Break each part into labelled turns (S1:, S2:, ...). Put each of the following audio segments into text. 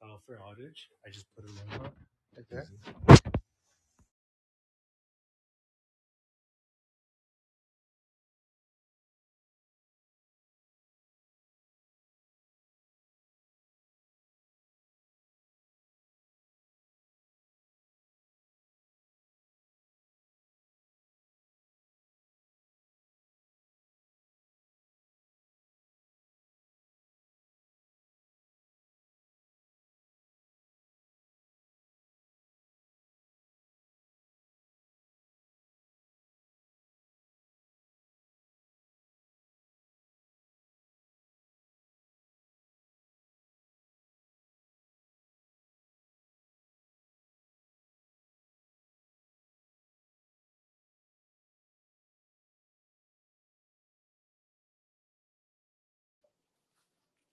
S1: file for outage. I just put it in. there. Okay.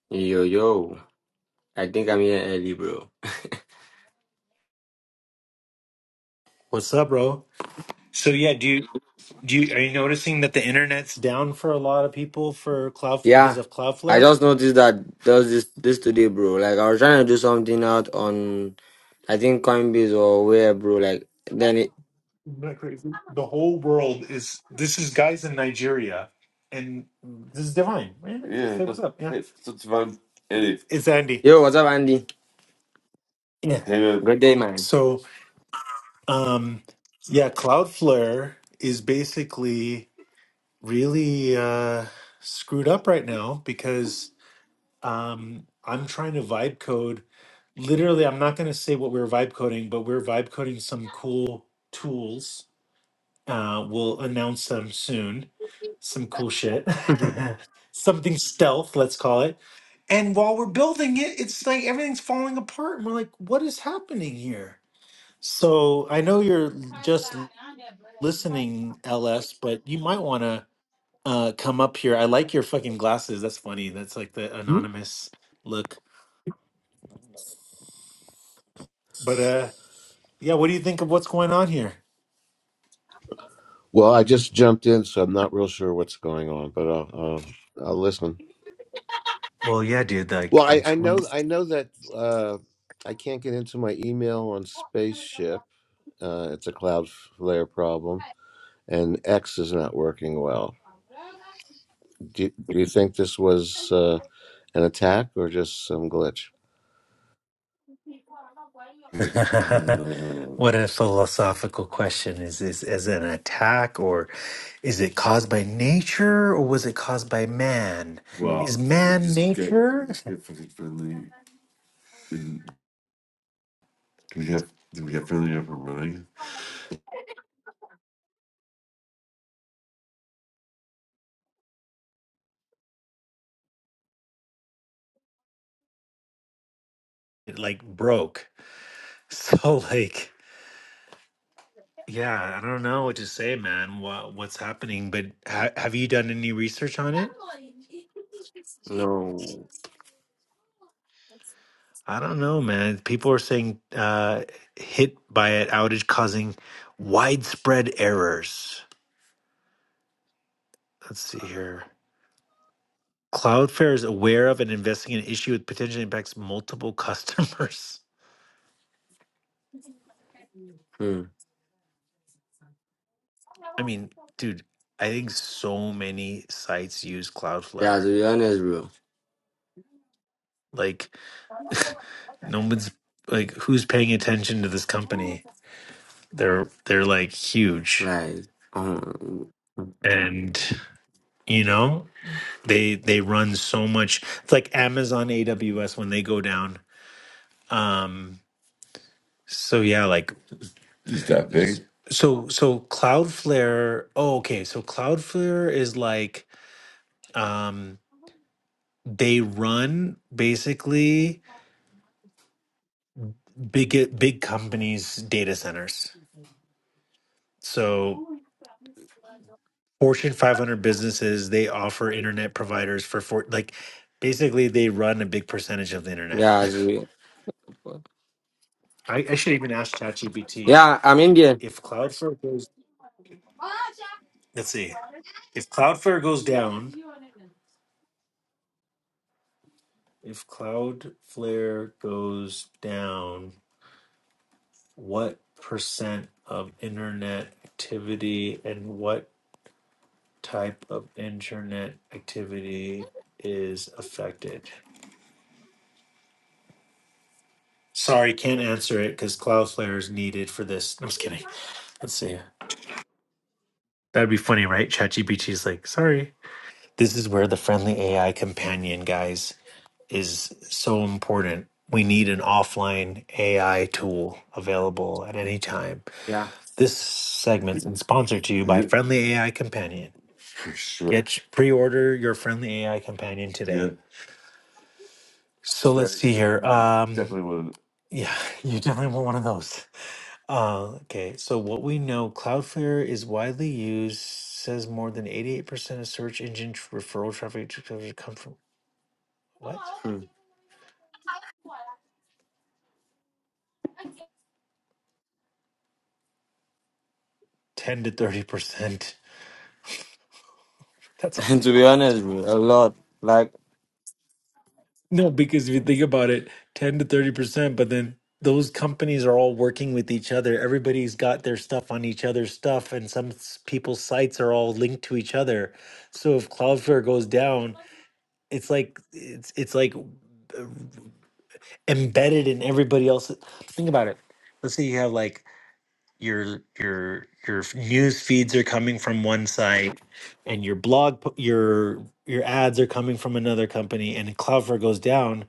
S2: Yo, yo. I think I'm here early, bro.
S1: What's up, bro? So yeah, do you do you are you noticing that the internet's down for a lot of people for cloud because
S2: Yeah.
S1: of
S2: I
S1: Cloudflare?
S2: just noticed that there was this this today, bro. Like I was trying to do something out on I think Coinbase or where, bro. Like then it
S1: Isn't that crazy? The whole world is this is guys in Nigeria, and this is divine. Yeah, Yeah, say what's that's up. Yeah, it's it's fun. Anyway, it's Andy.
S2: Yo, what's up, Andy?
S1: Yeah. hey man.
S2: Good day, man.
S1: So, um, yeah, Cloudflare is basically really uh, screwed up right now because um, I'm trying to vibe code. Literally, I'm not going to say what we're vibe coding, but we're vibe coding some cool tools. Uh, we'll announce them soon. Some cool shit. Something stealth, let's call it. And while we're building it, it's like everything's falling apart. And we're like, what is happening here? So I know you're l- just l- listening, LS, but you might want to uh, come up here. I like your fucking glasses. That's funny. That's like the
S2: Hmm?
S1: anonymous look. But uh, yeah, what do you think of what's going on here?
S3: Well, I just jumped in, so I'm not real sure what's going on, but I'll um, I'll listen.
S1: Well, yeah, dude. Like,
S3: Well, I,
S1: I'm
S3: I
S1: trying.
S3: know I know that uh, I can't get into my email on Spaceship. Uh, it's a Cloudflare problem, and X is not working well. Do Do you think this was uh, an attack or just some glitch?
S1: what a philosophical question is this as an attack or is it caused by nature or was it caused by man is Well,
S2: Mm,
S1: we man just get nature just get fucking friendly. Did did we have did we have friendly up and running? it like broke so like yeah i don't know what to say man what what's happening but ha- have you done any research on it
S2: No.
S1: I don't know, man. People are saying uh, hit by an outage causing widespread errors. Let's see here. Cloudflare is aware of and investigating an issue that potentially impacts multiple customers.
S2: Hmm.
S1: I mean, dude, I think so many sites use
S2: Yeah,
S1: Cloudflare.
S2: to be honest, bro.
S1: Like, no one's like, who's paying attention to this company? They're they're like huge,
S2: Like um
S1: and you know, They they run so much. It's like Amazon AWS when they go down. Um so yeah, like Is that big? so so Cloudflare, oh okay, so Cloudflare is like um they run basically big big companies data centers. So Fortune 500 businesses, they offer internet providers for for like basically they run a big percentage of the internet.
S2: Yeah, to be...
S1: I, I should even ask ChatGPT
S2: Yeah, I'm Indian.
S1: if Cloudflare goes Let's see. If Cloudflare goes down, if Cloudflare goes down, what percent of internet activity and what type of internet activity is affected? Sorry, can't answer it because Cloudflare is needed for this. No, I'm just kidding. Let's see. That'd be funny, right? ChatGPT is like, sorry. This is where the friendly AI companion, guys. is so important. We need an offline AI tool available at any time.
S2: Yeah.
S1: This segment's been sponsored to you by Yeah, Friendly AI Companion. for sure. Get pre-order your Friendly AI Companion Yeah, today. So let's right. see here. Um, Definitely one. yeah, you definitely want one of those. Uh, okay, so what we know, Cloudflare is widely used. Says more than eighty-eight percent of search engine tr- referral traffic to to come from what?
S2: Hmm.
S1: Ten to thirty percent That's a
S2: to be
S1: lot.
S2: honest, bro, a lot. Like,
S1: No, because if you think about it, 10 to 30%, but then those companies are all working with each other. Everybody's got their stuff on each other's stuff, and some s- people's sites are all linked to each other. So if Cloudflare goes down, it's like it's it's like uh, embedded in everybody else. Think about it. Let's say you have like your your your f- news feeds are coming from one site and your blog po- your your ads are coming from another company and if cloudflare goes down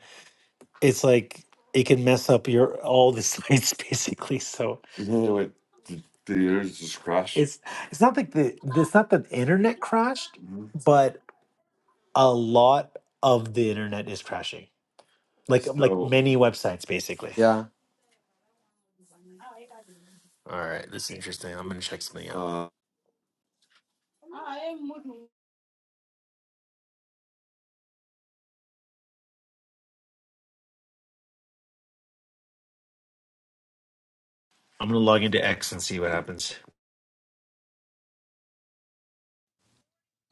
S1: it's like it can mess up your all the sites basically so Yeah, like the, the internet just crashed. it's it's not like the it's not that the internet crashed Mhm. but a lot of the internet is crashing like like So, many websites basically
S2: yeah.
S1: all right this is interesting i'm gonna check something out uh, i'm gonna log into x and see what happens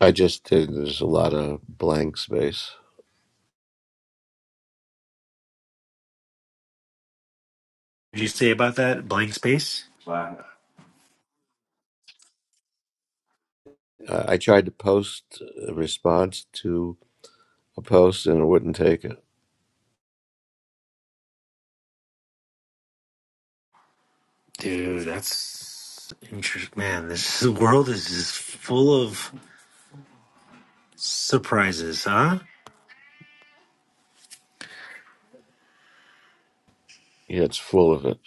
S3: I just did. There's a lot of blank space.
S1: Did you say about that blank space? Wow.
S3: Uh, I tried to post a response to a post, and it wouldn't take it.
S1: Dude, that's interesting. Man, this world is just full of surprises, huh?
S3: Yeah, it's full of it.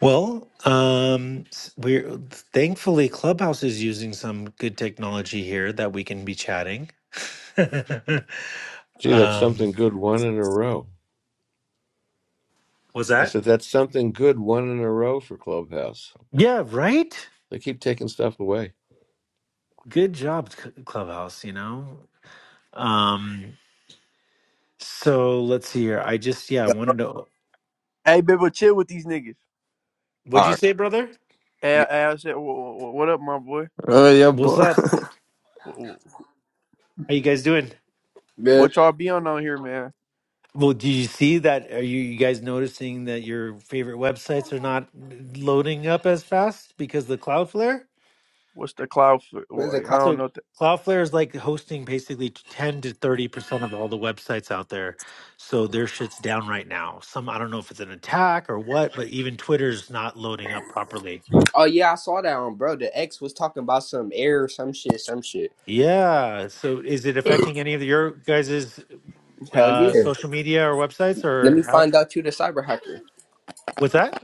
S1: Well, um, we're thankfully Clubhouse is using some good technology here that we can be chatting.
S3: Gee, that's something
S1: um,
S3: good one in a row.
S1: was
S3: I
S1: that?
S3: said, that's something good one in a row for Clubhouse.
S1: Yeah, right.
S3: They keep taking stuff away.
S1: Good job, C- Clubhouse. You know. Um, so let's see here. I just yeah, I
S4: Yo.
S1: wanted to.
S5: Hey, Bibbo, chill with these niggas.
S1: What'd
S4: All
S1: you
S4: right.
S1: say, brother?
S5: Hey,
S4: Yo.
S5: hey I said, what, what, what up, my boy?
S2: Oh, yeah,
S1: What's
S2: bro.
S1: up?
S5: What, what
S1: How you guys doing?
S4: Man,
S5: what y'all be on on here, man?
S1: Well, do you see that? Are you, you guys noticing that your favorite websites are not loading up as fast because the Cloudflare?
S5: What's the cloud? For,
S4: where's the
S5: boy, I
S4: cop?
S5: don't
S1: So
S5: know. What the,
S1: Cloudflare is like hosting basically ten to thirty percent of all the websites out there. So their shit's down right now. Some I don't know if it's an attack or what, but even Twitter's not loading up properly.
S4: Oh yeah, I saw that on bro. The ex was talking about some air, some shit, some shit.
S1: Yeah. So is it affecting any of your guys'
S4: Hell
S1: uh,
S4: yeah.
S1: social media or websites
S4: Let
S1: or
S4: me
S1: how,
S4: find out you the cyber hacker.
S1: what's that?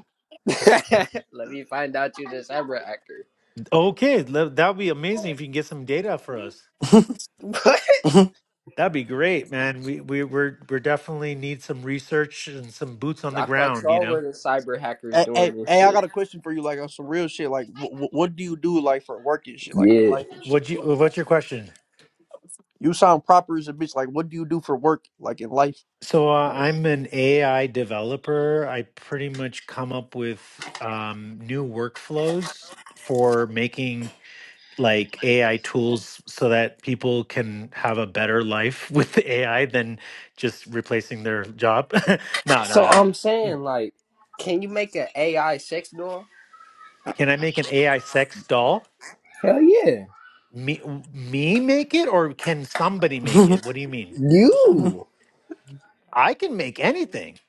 S4: Let me find out you the cyber hacker.
S1: Okay, le- that would be amazing if you can get some data for us. That'd be great, man. We we we're we're definitely need some research and some boots on the
S4: I thought
S1: ground. You
S4: y'all
S1: know,
S4: were the cyber hackers
S5: hey, hey,
S4: doing this
S5: hey, I
S4: shit.
S5: got a question for you, like on some real shit. Like, what, what do you do, like for work and shit, like in
S4: Yeah.
S5: life and shit?
S1: what you what's your question?
S5: You sound proper as a bitch. Like, what do you do for work, like in life?
S1: So uh,
S5: Like,
S1: I'm an AI developer. I pretty much come up with um, new workflows for making like AI tools so that people can have a better life with AI than just replacing their job. no, no,
S4: So
S1: no.
S4: I'm saying, like, can you make an AI sex doll?
S1: Can I make an AI sex doll?
S4: Hell yeah.
S1: Me, me make it, or can somebody make it? What do you mean?
S4: You.
S1: I can make anything.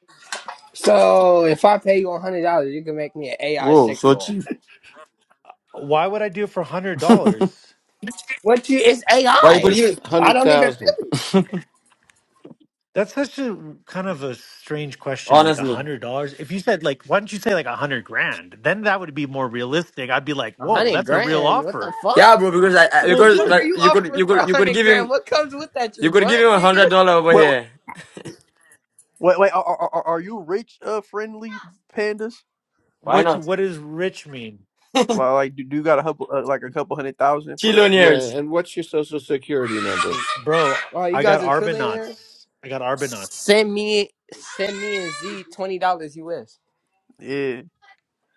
S4: So if I pay you a hundred dollars, you can make me an AI
S2: oh,
S4: sex
S2: so
S4: doll.
S2: cheap.
S1: Why would I do it for a hundred dollars?
S4: What you? It's AI.
S2: Why could
S4: I
S2: you?
S4: I don't even
S3: 100,000.
S4: feel
S1: That's such a kind of a strange question. Like a
S2: Honestly.
S1: hundred dollars. If you said like, why don't you say like a hundred grand? Then that would be more realistic. I'd be like,
S4: A
S1: whoa,
S4: hundred
S1: that's a real
S4: grand? What the
S1: offer.
S4: fuck?
S2: Yeah, bro, because I, I
S4: What
S1: Well,
S4: the
S2: because
S4: fuck are
S1: dude,
S2: like
S4: you
S2: you could
S4: offering
S2: you
S4: for
S2: could
S4: a
S2: you could
S4: hundred
S2: give
S4: grand?
S2: him
S4: What comes with that? Your
S2: you could give
S4: butt,
S2: him a
S4: nigga?
S2: hundred dollar over
S5: wait,
S2: here.
S5: wait, wait are, are, are are you rich, uh, friendly pandas?
S2: Why
S1: what's
S2: not?
S1: what does rich mean,
S5: Li- Like, do, do you got a couple, uh, like a couple hundred thousand put up?
S3: Yeah,
S2: Chillionaires.
S3: and what's your social security number?
S1: Hey, bro?
S4: Oh, you
S1: I got
S4: guys are trillionaires?
S1: Arbonauts. I got Arbonauts.
S4: Send me send me and Z twenty dollars US.
S5: Yeah,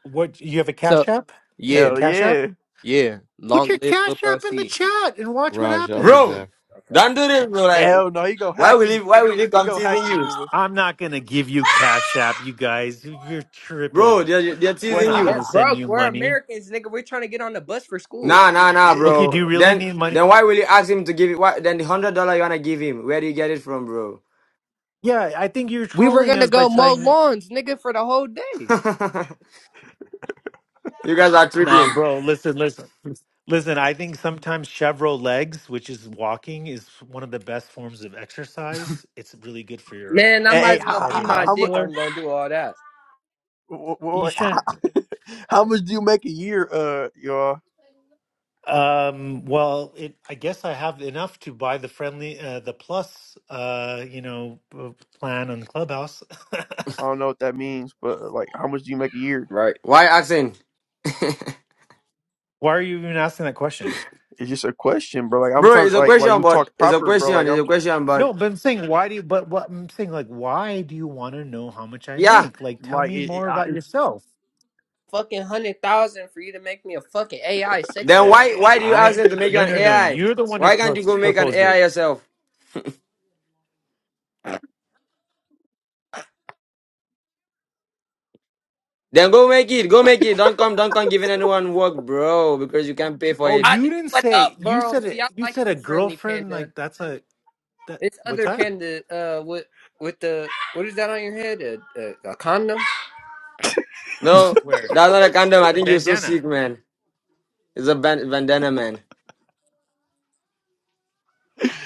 S1: What you have a Cash
S4: So
S1: App? Is it
S4: Yeah,
S5: hell
S1: Cash App?
S5: yeah,
S4: yeah.
S1: Put your
S4: Long live Lil
S1: Cash
S4: Bro
S1: App in the
S4: C.
S1: chat and watch what
S3: Raj, I'll be
S1: happens.
S2: Bro,
S3: back.
S4: Okay.
S2: don't do this, bro. Like
S5: hell no, he gonna
S2: why
S5: hack
S2: will he
S5: you.
S2: why will he
S5: He
S2: come
S5: gonna hack
S2: teasing
S5: you,
S2: you?
S5: Bibbo.
S1: I'm not going to give you Cash App, you guys. You're
S2: Bro,
S1: tripping.
S2: they're they're
S1: I'm
S5: Wait,
S2: teasing
S5: how,
S1: not going
S2: you.
S4: We're
S1: to
S5: how-
S1: send
S4: broke.
S1: you
S4: We're
S1: money.
S4: Americans, nigga. We're trying to get on the bus for school.
S2: Nah nah nah
S5: yeah,
S1: Okay, do
S2: bro.
S1: you
S5: bro.
S1: really
S2: Then
S1: need money?
S2: then why will you ask him to give it why then the hundred dollar you wanna give him? Where do you get it from, bro?
S1: Yeah, I think you're
S4: We were
S1: trolling
S4: gonna
S1: us by
S4: go mow
S1: saying, that.
S4: lawns, nigga, for the whole day.
S2: you guys are
S1: no,
S2: tripping.
S1: bro, listen, listen. Listen, I think sometimes Chevro legs, which is walking, is one of the best forms of exercise. It's really good for your
S4: Man, I
S5: Hey,
S1: uh,
S5: hey
S4: might as
S5: how,
S4: well be
S5: how, how,
S4: my
S5: how, mu-
S4: dick.
S1: cardiovascular.
S4: I'm gonna do all that.
S5: wha-
S1: You
S5: wha- how,
S1: shouldn't.
S5: how much do you make a year, uh, y'all?
S1: Um, well, it, I guess I have enough to buy the friendly, uh, the plus, uh, you know, uh, plan on Clubhouse.
S5: I don't know what that means, but uh, like, how much do you make a year?
S4: Right.
S2: Why asking?
S1: why are you even asking that question?
S5: It's just a question, bro. Like, I'm
S2: bro,
S5: trying
S2: it's
S5: to
S2: a
S5: like, like
S2: question,
S5: you
S2: but
S5: talk
S2: it's a
S5: proper, bro.
S2: question,
S5: Like,
S2: it's
S5: I'm
S2: a question,
S1: No, but I'm saying, why do you, but what I'm saying, like, why do you want to know how much I
S2: Yeah.
S1: make? Like, tell
S5: like,
S1: me
S5: it, it,
S1: more
S5: I,
S1: about
S5: it's,
S1: yourself.
S4: Fucking hundred thousand for you to make me a fucking AI sex
S2: Then
S4: doll.
S2: why why do you ask
S1: I,
S2: them to make you
S1: no,
S2: an
S1: no, no.
S2: AI?
S1: You're the one who
S2: Why can't
S1: pro-
S2: you go make an
S1: proposed
S2: AI
S1: it.
S2: yourself? Then go make it. Go make it. Don't come. Don't come giving anyone work, bro, because you can't pay for
S1: Oh,
S2: it.
S4: I,
S1: you didn't
S4: what
S1: say,
S4: up,
S1: you
S4: bro?
S1: said
S4: See, I
S1: it, you
S4: like
S1: said a
S4: you, friendly
S1: girlfriend,
S4: panda.
S1: like, that's a, that,
S4: This
S1: what's
S4: other
S1: that?
S4: panda, uh, with with the what is that on your head? A, a, a condom?
S2: No,
S1: Where? It's
S2: that's not a condom. I
S1: a
S2: think you're so
S1: bandana.
S2: sick, man. It's a ban- bandana, man.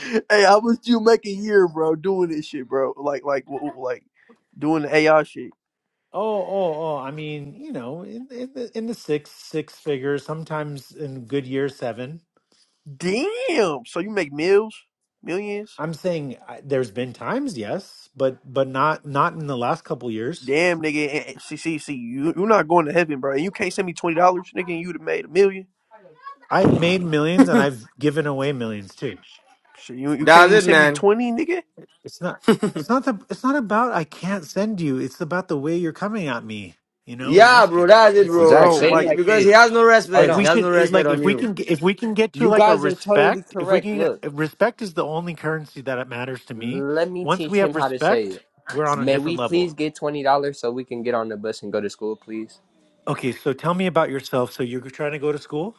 S5: hey, how much do you make a year, bro? Doing this shit, bro. Like, like, wha- wha- like, doing the AI shit.
S1: Oh, oh, oh! I mean, you know, in, in the in the six six figures, sometimes in good years seven.
S5: Damn. So you make mills millions.
S1: I'm saying I, there's been times, yes, but but not not in the last couple years.
S5: Damn, nigga. eh, eh, See, see, see. You, you're not going to heaven, bro. And you can't send me twenty dollars, nigga. And you'd have made a million.
S1: I've made millions and I've given away millions too.
S5: Shit, you you can't
S2: That's
S5: even
S2: it,
S5: send me
S2: man.
S5: twenty, nigga.
S1: It's not it's not the it's not about I can't send you. It's about the way you're coming at me, you know, and
S2: Yeah, bro.
S1: asking me.
S2: That's it,
S1: It's
S4: Zach,
S2: bro.
S1: it's
S5: Bro,
S1: not.
S4: say it
S5: like
S2: He-
S4: like
S2: because he
S4: this.
S2: has no
S4: Hold
S1: like
S2: respect. He
S1: we
S4: on.
S2: has no
S1: should eh,
S2: respect
S1: like
S2: on
S1: if we
S2: you.
S1: can if we can get to
S4: You
S1: like a
S4: guys are totally
S1: respect if we
S4: correct.
S1: can
S4: Look,
S1: respect is the only currency that it matters to me
S4: let me
S1: once we
S4: teach
S1: have
S4: him how to say it.
S1: respect we're on a
S4: May we
S1: different level
S4: please get twenty dollars so we can get on the bus and go to school, please?
S1: okay so tell me about yourself so you're trying to go to school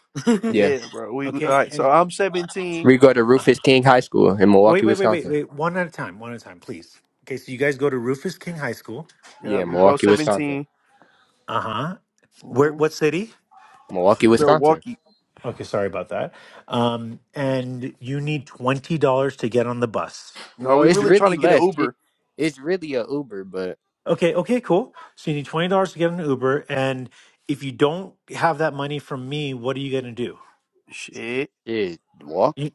S4: Yeah,
S5: yeah, bro. We all
S1: okay
S5: right. So
S1: and
S5: I'm seventeen.
S4: we go to
S1: uh,
S4: Rufus King High School in
S1: wait
S4: Milwaukee,
S1: wait wait wait
S4: Wisconsin.
S1: wait one at a time one at a time please okay so you guys go to rufus king high school
S5: Yeah,
S4: Yeah,
S5: we both
S4: Milwaukee, Wisconsin.
S5: 17
S1: uh-huh where
S5: Mm-hmm.
S1: what city
S4: Milwaukee, Wisconsin.
S5: Milwaukee.
S1: okay sorry about that um and you need $20 to get on the bus
S5: No,
S4: Well,
S5: we
S4: it's
S5: really trying
S4: really
S5: to get an
S4: less. It,
S5: Uber.
S4: it's really a Uber, but
S1: Okay, okay, cool. So you need twenty dollars to get an Uber, and if you don't have that money from me, what are you gonna do?
S5: Shit.
S4: it walk.
S1: You,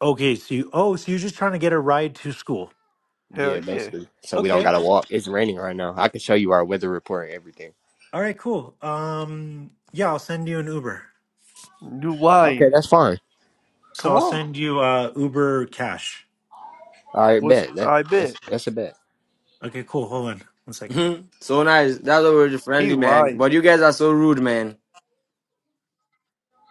S1: okay, so you oh, so you're just trying to get a ride to school.
S5: Hell
S4: Yeah,
S5: yeah.
S4: basically. So we don't
S1: Okay,
S4: gotta walk. It's raining right now. I can show you our weather report and everything.
S1: all right, cool. Um, yeah, I'll send you an Uber.
S5: You
S4: Okay,
S5: lying?
S4: that's fine.
S5: Come
S1: So I'll
S5: on.
S1: send you uh Uber cash.
S4: All right,
S5: What's
S4: bet. That
S5: I
S4: that's
S5: bet
S4: that's a bet.
S1: Okay, cool. Hold on one second.
S2: Mhm. so nice. That's why we're
S5: he
S2: friendly, man.
S5: lying.
S2: But you guys are so rude, man.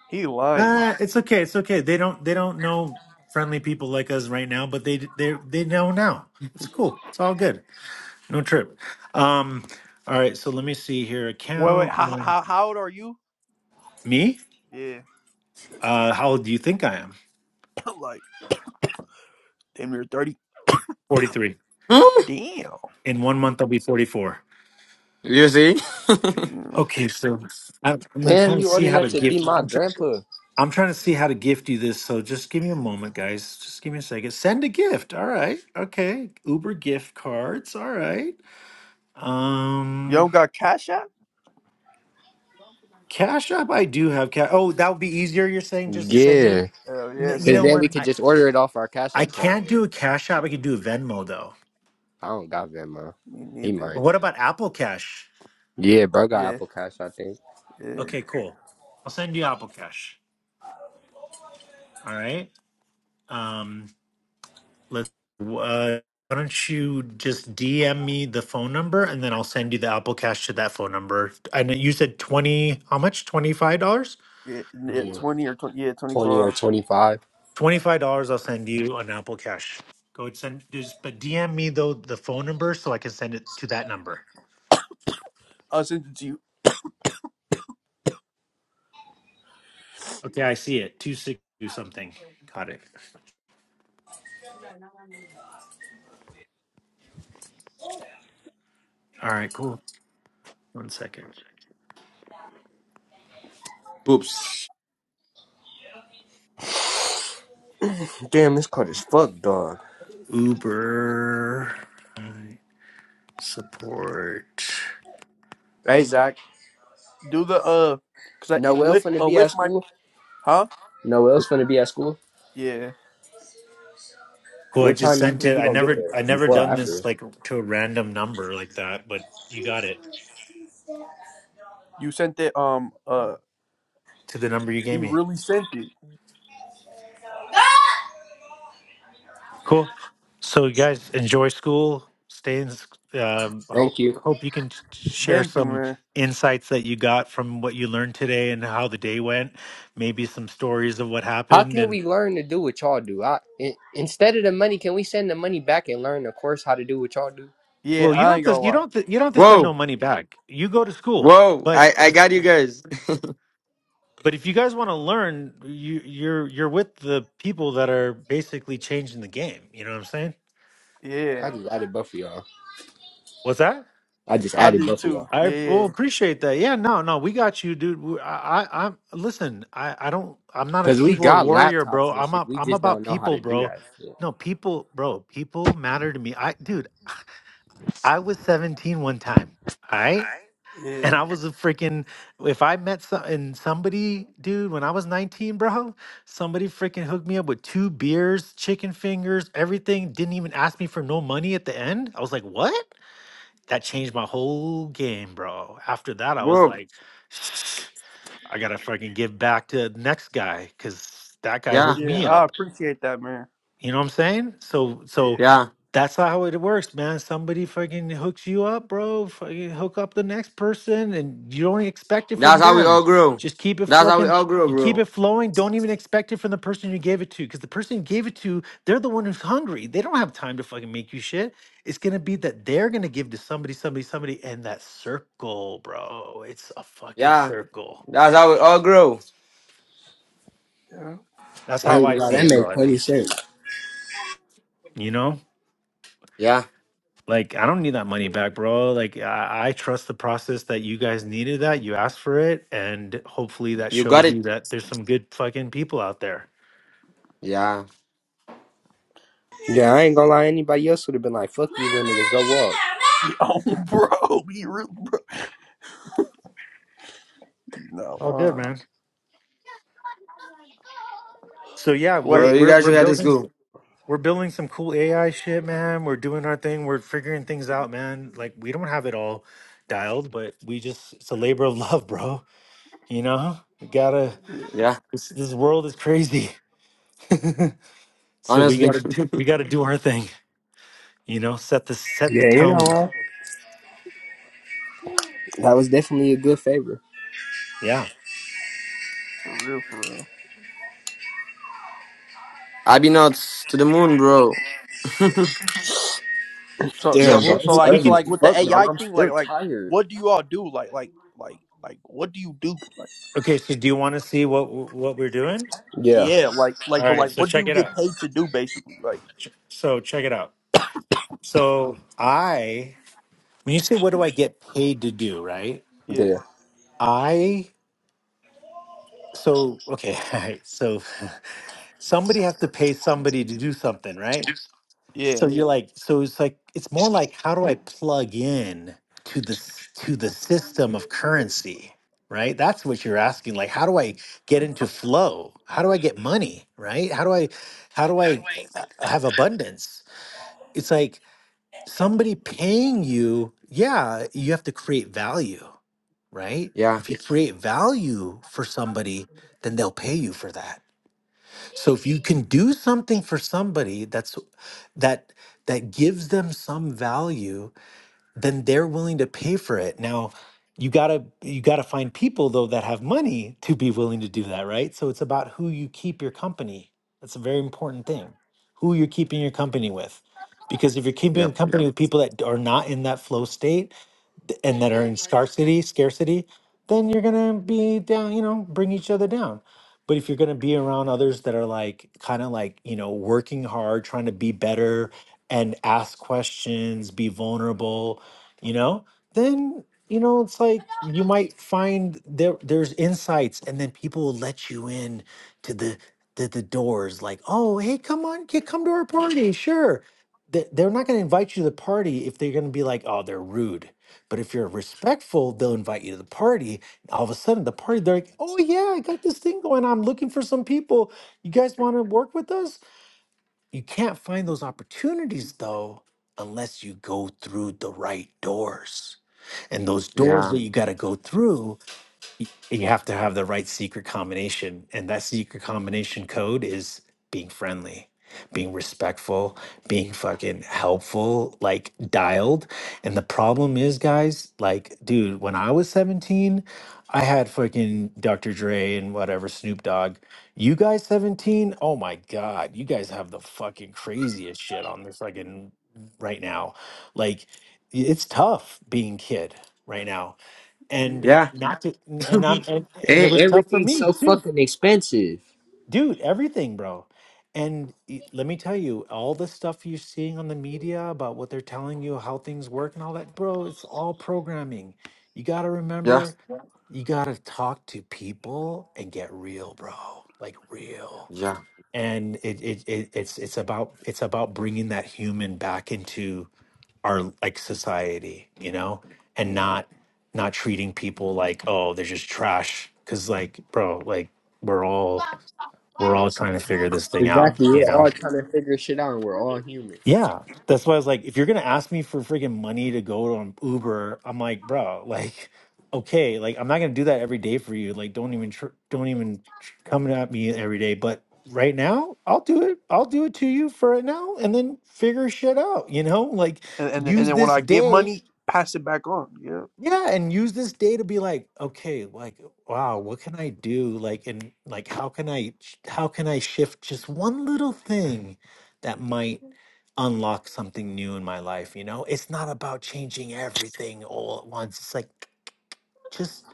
S5: He lying.
S1: Uh, it's okay, it's okay. They don't they don't know friendly people like us right now, but they they they know now. It's cool. It's all good. No trip. Um, all right, so let me see here.
S5: Wait, wait.
S1: Account.
S5: How
S1: uh,
S5: how, how old are you?
S1: Me?
S5: Yeah.
S1: Uh, how old do you think I am?
S5: I'm like damn, you're thirty.
S1: 43.
S2: Hmm?
S5: Damn.
S1: In one month, I'll be 44.
S2: You see?
S5: Damn.
S1: Okay, so I'm, I'm gonna
S4: Damn,
S1: trying to
S4: you old
S1: see how
S4: enough
S1: to
S4: to be
S1: gift.
S4: my
S1: I'm, try,
S4: grandpa.
S1: I'm trying to see how to gift you this. So just give me a moment, guys. Just give me a second. Send a gift. All right. Okay. Uber gift cards. All right.
S5: You
S1: Um,
S5: don't got cash out?
S1: Cash App. I do have cash. Oh, that would be easier. You're saying just send
S4: Yeah.
S1: it.
S5: Hell yeah.
S1: N- You
S4: Cause
S1: know
S5: Send
S4: then
S5: him.
S1: what?
S4: we could
S1: I
S4: just order it off our Cash
S1: I
S4: App card.
S1: can't do a Cash App. I could do a Venmo though.
S4: I don't got Venmo.
S5: Me
S4: He
S5: neither.
S4: might.
S1: What about Apple Cash?
S4: Yeah, bro got
S5: Yeah,
S4: Apple Cash, I think.
S5: Yeah.
S1: Okay, cool. I'll send you Apple Cash. All right. Um, let uh, why don't you just DM me the phone number and then I'll send you the Apple Cash to that phone number. And you said 20, how much? $25?
S5: Yeah, yeah,
S4: Yeah.
S5: twenty or twenty. Yeah, twenty
S4: Twenty
S5: four.
S4: or
S5: hours.
S4: twenty five.
S1: $25, I'll send you an Apple Cash. Go and send, just, but DM me though the phone number so I can send it to that number.
S5: Uh, since you
S1: Okay, I see it. 262 something. Got it. All right, cool. One second.
S2: Poops.
S4: Damn, this card is fucked, dog.
S1: Uber all right, support.
S4: Hey Zach.
S5: do the uh, cause I it
S4: Noel
S5: lift
S4: finna
S5: uh
S4: be
S5: lift
S4: at
S5: my
S4: school.
S5: huh?
S4: Noel's finna be at school.
S5: Yeah,
S1: Cool. I
S4: What
S1: just
S4: time you
S1: sent
S4: think
S1: it.
S4: he
S1: I
S4: gonna get
S1: never,
S4: there?
S1: I never
S4: Before or
S1: done this
S4: after?
S1: like to a random number like that, but you got it
S5: you sent it. Um, uh,
S1: to the number you gave
S5: he
S1: me.
S5: really sent it.
S1: Cool. So, you guys, enjoy school. Stay in. s- Um, hope,
S4: Thank you.
S1: hope you can t- share
S5: Thank you,
S1: some
S5: man.
S1: insights that you got from what you learned today and how the day went. Maybe some stories of what
S4: How
S1: happened.
S4: can
S1: And
S4: we learn to do what y'all do? I, in, instead of the money, can we send the money back and learn the course how to do what y'all do?
S5: Yeah,
S1: well, you
S5: I
S1: don't.
S5: ain't
S1: Have
S5: gonna
S1: to, you
S5: lie.
S1: don't. have to- You don't have to send
S2: Whoa,
S1: no money back. You go to school,
S2: whoa.
S1: but
S2: I I
S1: if
S2: got you guys.
S1: But if you guys want to learn, you you're you're with the people that are basically changing the game. You know what I'm saying?
S5: Yeah,
S4: I just added both of y'all.
S1: What's that?
S4: I just
S5: I
S4: added
S5: did
S4: both of
S5: too.
S4: y'all.
S1: I
S5: Yeah,
S1: will appreciate that. Yeah, no, no, we got you, dude. We- I, I, I'm listen. I, I don't. I'm not a
S4: Cause we
S1: keyboard
S4: got
S1: warrior,
S4: laptops
S1: bro.
S4: and
S1: I'm
S4: shit.
S1: up.
S4: We
S1: I'm
S4: just
S1: about
S4: don't know how
S1: people,
S4: to do
S1: bro.
S4: that shit.
S1: No, people, bro. People matter to me. I, dude, I was seventeen one time. All right.
S5: yeah,
S1: And I was a freaking, if I met some, and somebody, dude, when I was 19, bro, somebody freaking hooked me up with two beers, chicken fingers, everything, didn't even ask me for no money at the end. I was like, what? That changed my whole game, bro. After that, I was
S2: Whoa.
S1: like, I gotta fucking give back to the next guy because that guy
S2: Yeah,
S1: hooked
S5: yeah.
S1: me
S5: I
S1: up.
S5: appreciate that, man.
S1: You know what I'm saying? So,
S5: Yeah.
S1: so
S2: yeah.
S1: that's not how it works, man. Somebody fucking hooks you up, bro. Fucking hook up the next person, and you don't expect it
S2: That's
S1: from
S2: how we all
S1: them.
S2: grow.
S1: Just keep it
S2: That's how we
S1: fucking.
S2: all grow,
S1: You keep
S2: bro.
S1: it flowing. Don't even expect it from the person you gave it to, because the person you gave it to, they're the one who's hungry. They don't have time to fucking make you shit. It's gonna be that they're gonna give to somebody, somebody, somebody, and that circle, bro. It's a fucking
S2: Yeah.
S1: circle.
S2: That's how we all grow.
S5: Yeah.
S1: That's
S4: I
S1: how
S4: ain't
S1: I
S4: gonna lie,
S1: see
S4: that
S1: it, bro.
S4: make
S1: At
S4: plenty
S1: least
S4: sense.
S1: you know.
S2: Yeah.
S1: Like, I don't need that money back, bro. Like, I, I trust the process that you guys needed that. You asked for it. And hopefully that
S2: You got
S1: shows you
S2: it.
S1: that there's some good fucking people out there.
S2: Yeah.
S4: Yeah, I ain't gonna lie, anybody else would have been like, fuck you little niggas, go walk.
S5: Yeah, Oh, bro, he real bro. No,
S1: All good,
S5: uh,
S1: man. So yeah, we're
S2: Oh,
S5: wait.
S2: you
S1: we're
S2: guys
S1: we're
S2: should head to
S1: building
S2: school.
S1: we're building some cool AI shit, man. We're doing our thing. We're figuring things out, man. Like we don't have it all dialed, but we just it's a labor of love, bro. You know? We gotta
S5: Yeah,
S2: Yeah.
S1: this this world is crazy. so we
S2: Honestly.
S1: gotta we gotta do our thing, you know, set the set the
S4: Yeah, you know
S1: tone.
S4: what? That was definitely a good favor.
S1: Yeah.
S5: for real, for real.
S2: I be nuts to the moon, bro.
S5: So
S1: Yeah,
S5: so
S4: Damn,
S5: so
S4: bro,
S1: we'll,
S5: so
S1: we
S4: it's
S5: like
S1: we
S5: so
S1: could.
S4: early.
S5: like
S4: as
S5: with the
S4: Fuck, dog,
S5: AI
S4: I'm
S5: thing, like
S4: still
S5: like
S4: tired.
S5: what do you all do? Like like like like what do you do? Like
S1: Okay, so do you want to see what what we're doing?
S4: Yeah,
S5: yeah, like
S1: All
S5: like but
S1: right,
S5: like
S1: so
S5: what do
S1: check
S5: you
S1: it
S5: get
S1: out.
S5: paid to do basically? Like
S1: Ch- So check it out. So I, when you say what do I get paid to do, right?
S4: yeah.
S5: yeah,
S1: I so okay, all right, so somebody has to pay somebody to do something, right? So
S5: yeah,
S1: you're like, so it's like, it's more like, how do I plug in to the s- to the system of currency, right? That's what you're asking. Like, how do I get into flow? How do I get money, right? How do I, how do I uh, have abundance? It's like somebody paying you. Yeah, you have to create value, right?
S2: yeah.
S1: If you Yes. create value for somebody, then they'll pay you for that. So if you can do something for somebody that's that that gives them some value, then they're willing to pay for it. Now, you got to you got to find people though that have money to be willing to do that, right? So it's about who you keep your company. That's a very important thing. Who you're keeping your company with. Because if you're keeping a Yeah.
S2: Yep.
S1: company Yep. with people that are not in that flow state, and that are in scarcity, scarcity, then you're gonna be down, you know, bring each other down. But if you're gonna be around others that are like kind of like, you know, working hard, trying to be better and ask questions, be vulnerable, you know, then you know, it's like you might find there there's insights and then people will let you in to the the, the doors like, oh hey, come on, kid, come to our party, sure. They- They're not going to invite you to the party if they're going to be like, oh, they're rude but if you're respectful, they'll invite you to the party. All of a sudden, the party, they're like, oh, yeah, I got this thing going. I'm looking for some people. You guys want to work with us? You can't find those opportunities, though, unless you go through the right doors. And those doors
S2: Yeah.
S1: that you got to go through you have to have the right secret combination and that secret combination code is being friendly being respectful being fucking helpful like dialed and the problem is guys like dude when i was 17 i had fucking dr dre and whatever snoop dogg you guys 17 oh my god you guys have the fucking craziest shit on this fucking right now like it's tough being kid right now and
S5: yeah,
S2: Yeah.
S1: not to and I'm and, and it
S4: And
S1: was tough for
S4: everything's
S1: me
S4: so
S1: too,
S4: fucking expensive.
S1: dude. Everything, bro. And y- let me tell you, all the stuff you're seeing on the media about what they're telling you, how things work, and all that, bro, it's all programming. You got to
S2: Yeah.
S1: remember, Yeah. you got to talk to people and get real, bro. Like real
S2: Yeah.
S1: and it, it it it's it's about it's about bringing that human back into our like society you know and
S5: yeah.
S1: not not treating people like oh they're just trash because like bro like we're all we're all trying to figure this thing out
S4: Exactly. We're
S1: you know.
S4: all trying to figure shit out and we're all human.
S1: Yeah. That's why I was like, if you're gonna ask me for freaking money to go on Uber, I'm like, bro, like, okay, like I'm not gonna do that every day for you. Like, don't even tr- don't even tr- come at me every day. But right now, I'll do it. I'll do it to you for right now, and then figure shit out. You know, like
S5: And and and
S1: use
S5: then when
S1: this
S5: I get
S1: day.
S5: money, pass it back on. Yeah,
S1: Yeah, and use this day to be like, okay, like, wow, what can I do? Like, and like, how can I, sh- how can I shift just one little thing that might unlock something new in my life? You know, it's not about changing everything all at once. It's like just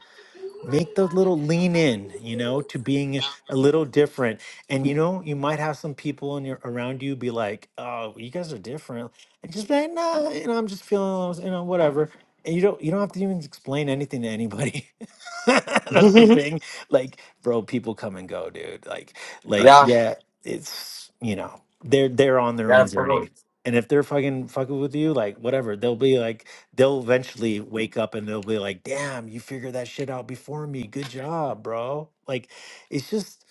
S1: make the little lean in you know to being a little different and you know you might have some people in your around you be like oh you guys are different and just be like no you know i'm just feeling you know whatever and you don't you don't have to even explain anything to anybody that's the thing like bro people come and go dude like like
S2: yeah. Yeah.
S1: yeah it's you know they're they're on their own
S2: for real.
S1: journey and if they're fucking fucking with you like whatever they'll be like they'll eventually wake up and they'll be like, "Damn, you figured that shit out before me. Good job, bro." Like, it's just,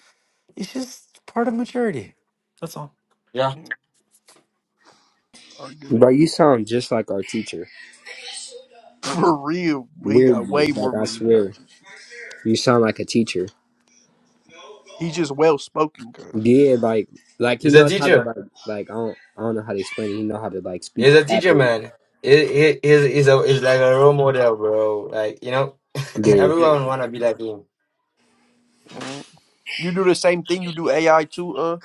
S1: it's just part of maturity. That's all.
S2: Yeah.
S5: yeah. I get it
S4: Bro, you sound just like our teacher.
S5: for real. But he got way
S4: Weirdly.
S5: more
S4: Like I
S5: money than our
S4: swear.
S5: teacher.
S4: You sound like a teacher.
S5: He's just well spoken, cuz.
S4: Yeah, like like he
S2: He's a
S4: knows how to
S2: teacher.
S4: like like I don't I don't know how to explain it. He know how to like speak
S2: He's a teacher,
S4: properly.
S2: man. He, he, he's, he's, a, he's like a role model, bro. Like, you know,
S4: Yeah.
S2: everyone
S5: Yeah.
S2: wanna be like him.
S5: yeah. You do the same thing. You do AI too. Uh,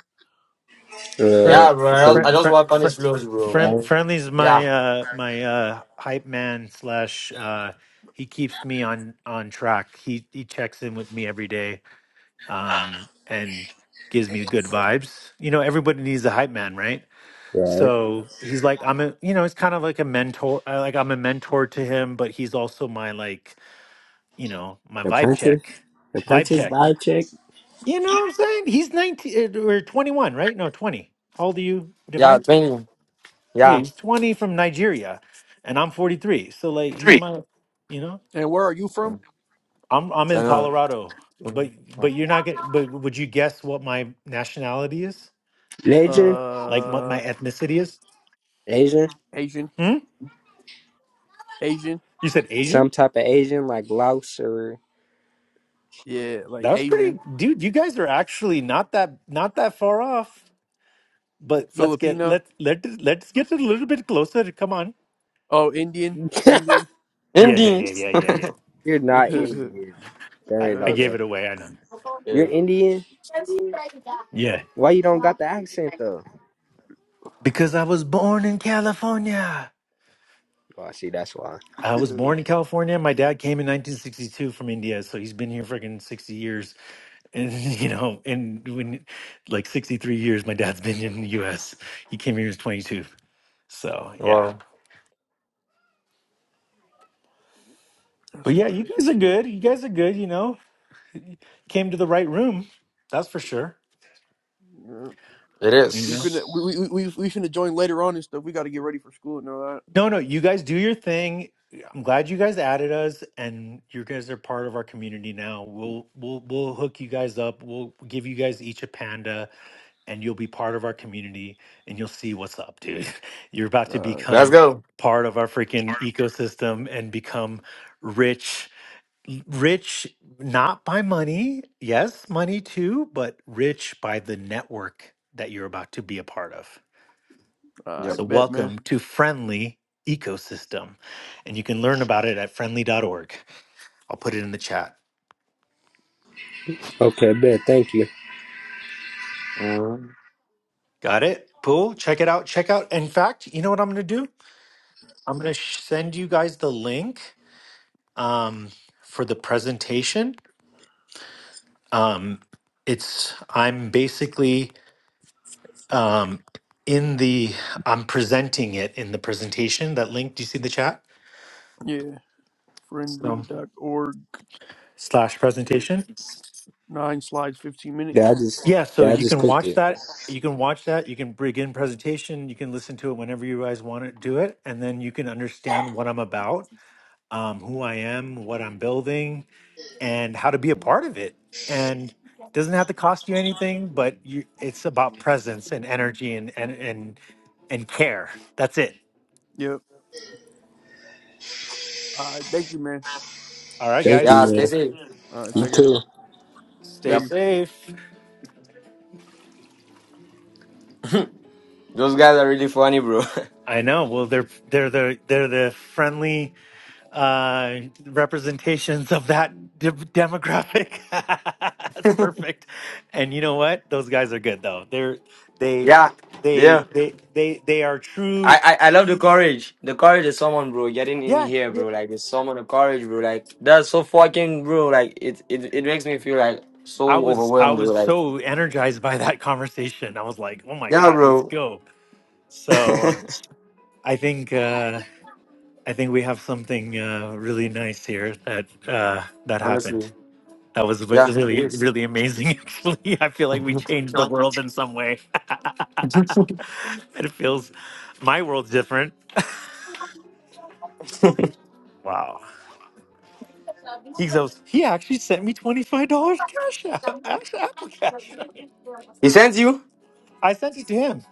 S1: Friend,
S4: Uh
S2: Yeah, bro. I just,
S1: friend,
S4: so,
S2: I
S1: friend,
S2: just
S1: friend,
S2: work on his flows, bro.
S1: friend,
S2: Like,
S4: all
S1: friendly's
S2: yeah,
S1: my uh my uh hype man slash uh he keeps me on on track. He he checks in with me every day um and gives me good vibes. You know, everybody needs a hype man, right?
S4: right.
S1: So he's like, I'm a, you know, it's kind of like a mentor. uh, Like I'm a mentor to him, but he's also my like, you know, my vibe
S4: Apprentice?
S1: check, vibe
S4: Apprentice
S1: check.
S4: vibe check?
S1: You know what I'm saying? He's 19 uh, or 21, right? No, 20. How old are you,
S2: yeah,
S1: Divine?
S2: twenty,
S1: Yeah,
S2: yeah.
S1: he's 20 from Nigeria, and I'm 43. So like, he's my, you know,
S5: and where are you from?
S2: Mm.
S1: I'm I'm in
S2: So no,
S1: Colorado,
S2: mm,
S1: but
S2: mm.
S1: but you're not gonna. But would you guess what my nationality is?
S4: Asian?
S1: Like what my
S5: Uh,
S1: ethnicity is?
S4: Asian?
S5: Asian,
S1: Hmm?
S5: Asian.
S1: You said Asian?
S4: Some type of Asian like Laos or
S5: Yeah, like
S1: That was pretty,
S5: Asian,
S1: dude. You guys are actually not that not that far off. But let's get
S5: Filipino,
S1: let let let's get a little bit closer. Come on.
S5: oh Indian, Indian.
S1: Yeah, yeah,
S2: endings.
S1: yeah, yeah, yeah.
S4: You're not
S1: yeah.
S5: yeah,
S4: Indian. There
S1: I,
S4: ain't
S1: I
S4: no
S5: yeah,
S1: gave
S4: way.
S1: it away. I know.
S2: yeah.
S4: You're Indian?
S1: Yeah,
S4: Why you don't got the accent though?
S1: because I was born in California.
S4: Oh, I see. That's why.
S1: I was born in California. My dad came in 1962 from India, so he's been here freaking 60 years. And you know, and when like 63 years, my dad's been in the U.S. He came here when he was 22. So yeah,
S2: Wow,
S5: that's
S1: but
S5: some
S1: yeah, you
S5: crazy
S1: guys are
S5: shit.
S1: good. You guys are good. You know, came to the right room. That's for sure.
S5: Yeah.
S2: it
S1: You
S5: We
S1: know?
S5: finna
S2: is.
S5: we, we we we we finna join later on and stuff. We got to get ready for school and all
S1: No, no, you guys do your thing. I'm glad you guys added us and you guys are part of our community now. We'll we'll we'll hook you guys up. We'll give you guys each a panda and you'll be part of our community and you'll see what's up, dude. You're about
S5: that.
S1: to
S2: Let's
S1: become
S2: go.
S1: part of our freaking ecosystem and become rich rich not by money. Yes, money too, but rich by the network that you're about to be a part of.
S5: Uh, I
S2: Yep.
S1: So,
S5: bet, man.
S1: welcome to Friendly Ecosystem. And you can learn about it at friendly dot org. I'll put it in the chat.
S4: Okay, bet. Thank you.
S2: Mm.
S1: Got it? Cool. Check it out. Check out. In fact, you know what I'm going to do? I'm going to send you guys the link um, for the presentation. Um, it's I'm basically um, in the I'm presenting it in the presentation. That link. Do you see the chat?
S5: Yeah, friendly
S1: So
S5: dot org.
S1: slash presentation.
S5: Nine slides, fifteen
S4: Yeah,
S5: minutes.
S4: I just,
S1: Yeah, so
S4: yeah, I
S1: you
S4: just
S1: can
S4: clicked
S1: watch
S4: it.
S1: that. You can watch that. You can begin presentation. You can listen to it whenever you guys want to do it, and then you can understand what I'm about, um, who I am, what I'm building, and how to be a part of it. And it doesn't have to cost you anything, but you, it's about presence and energy and and and and care. That's it.
S5: Yep. All right, thank you, man.
S1: All right,
S4: Thank
S1: guys,
S2: Yeah,
S4: you,
S2: stay
S4: man.
S2: safe.
S5: All right,
S4: You
S5: take care.
S4: too.
S1: stay
S5: Thank
S2: Yep.
S5: you.
S1: safe.
S2: Those guys are really funny, bro.
S1: I know. Well, they're they're the they're the friendly uh, representations of that de- demographic. That's perfect. And you know what? Those guys are good though. They're they
S2: yeah, yeah.
S1: they they they they are true.
S2: I, I, I love the courage. The courage is someone, bro. Getting in
S1: Yeah,
S2: here,
S1: yeah.
S2: bro. Like it's someone. The courage, bro. Like that's so fucking, bro. Like it, it, it makes me feel like
S1: I
S2: so
S1: was I
S2: overwhelmed, bro.
S1: was
S2: Like
S1: so energized by that conversation. I was like, oh my
S2: yeah,
S1: god, let's
S2: bro.
S1: go. So uh, I think uh, I think we have something uh, really nice here that uh, that
S2: Honestly.
S1: happened. That was re-
S2: Yeah, it
S1: really,
S2: is.
S1: really amazing. Actually, I feel like we changed the world in some way. it feels my world's different. Wow. He goes, he actually sent me $25 cash app, actually Apple Cash.
S2: He sends you?
S1: I sent it to him.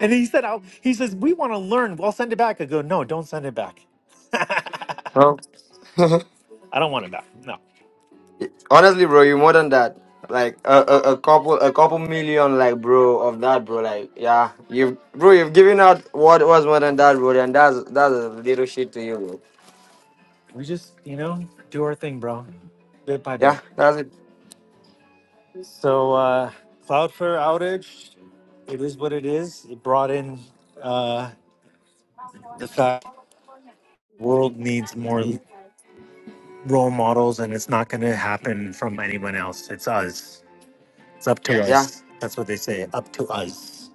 S1: And he said, I'll, he says, we want to learn. Well, send it back. I go, no, don't send it back. I
S2: Oh.
S1: don't want it back. No.
S2: Honestly, bro, you more than that. Like a, a, a couple a couple million, like bro, of that, bro. Like yeah, you bro, you've given out what was more than that, bro. And that's that's a little shit to you, bro.
S1: We just, you know, do our thing, bro. Bit by bit.
S2: Yeah, that's it.
S1: So uh, Cloudflare outage, it is what it is. It brought in uh, the fact the world needs more role models, and it's not going to happen from anyone else. It's us. It's up to
S2: Yeah,
S1: us. That's what they say. Up to us.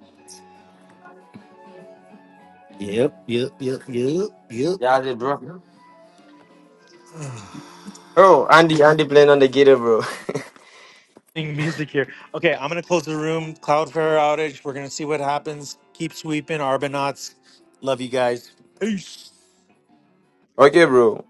S1: Yep, yep, yep, yep, yep.
S2: yeah, that's it, bro. Oh, Andy, Andy playing on the guitar, bro.
S1: Playing Music here. Okay, I'm gonna close the room. Cloudflare outage. We're gonna see what happens. Keep sweeping, Arbonauts. Love you guys. Peace.
S2: Okay, bro.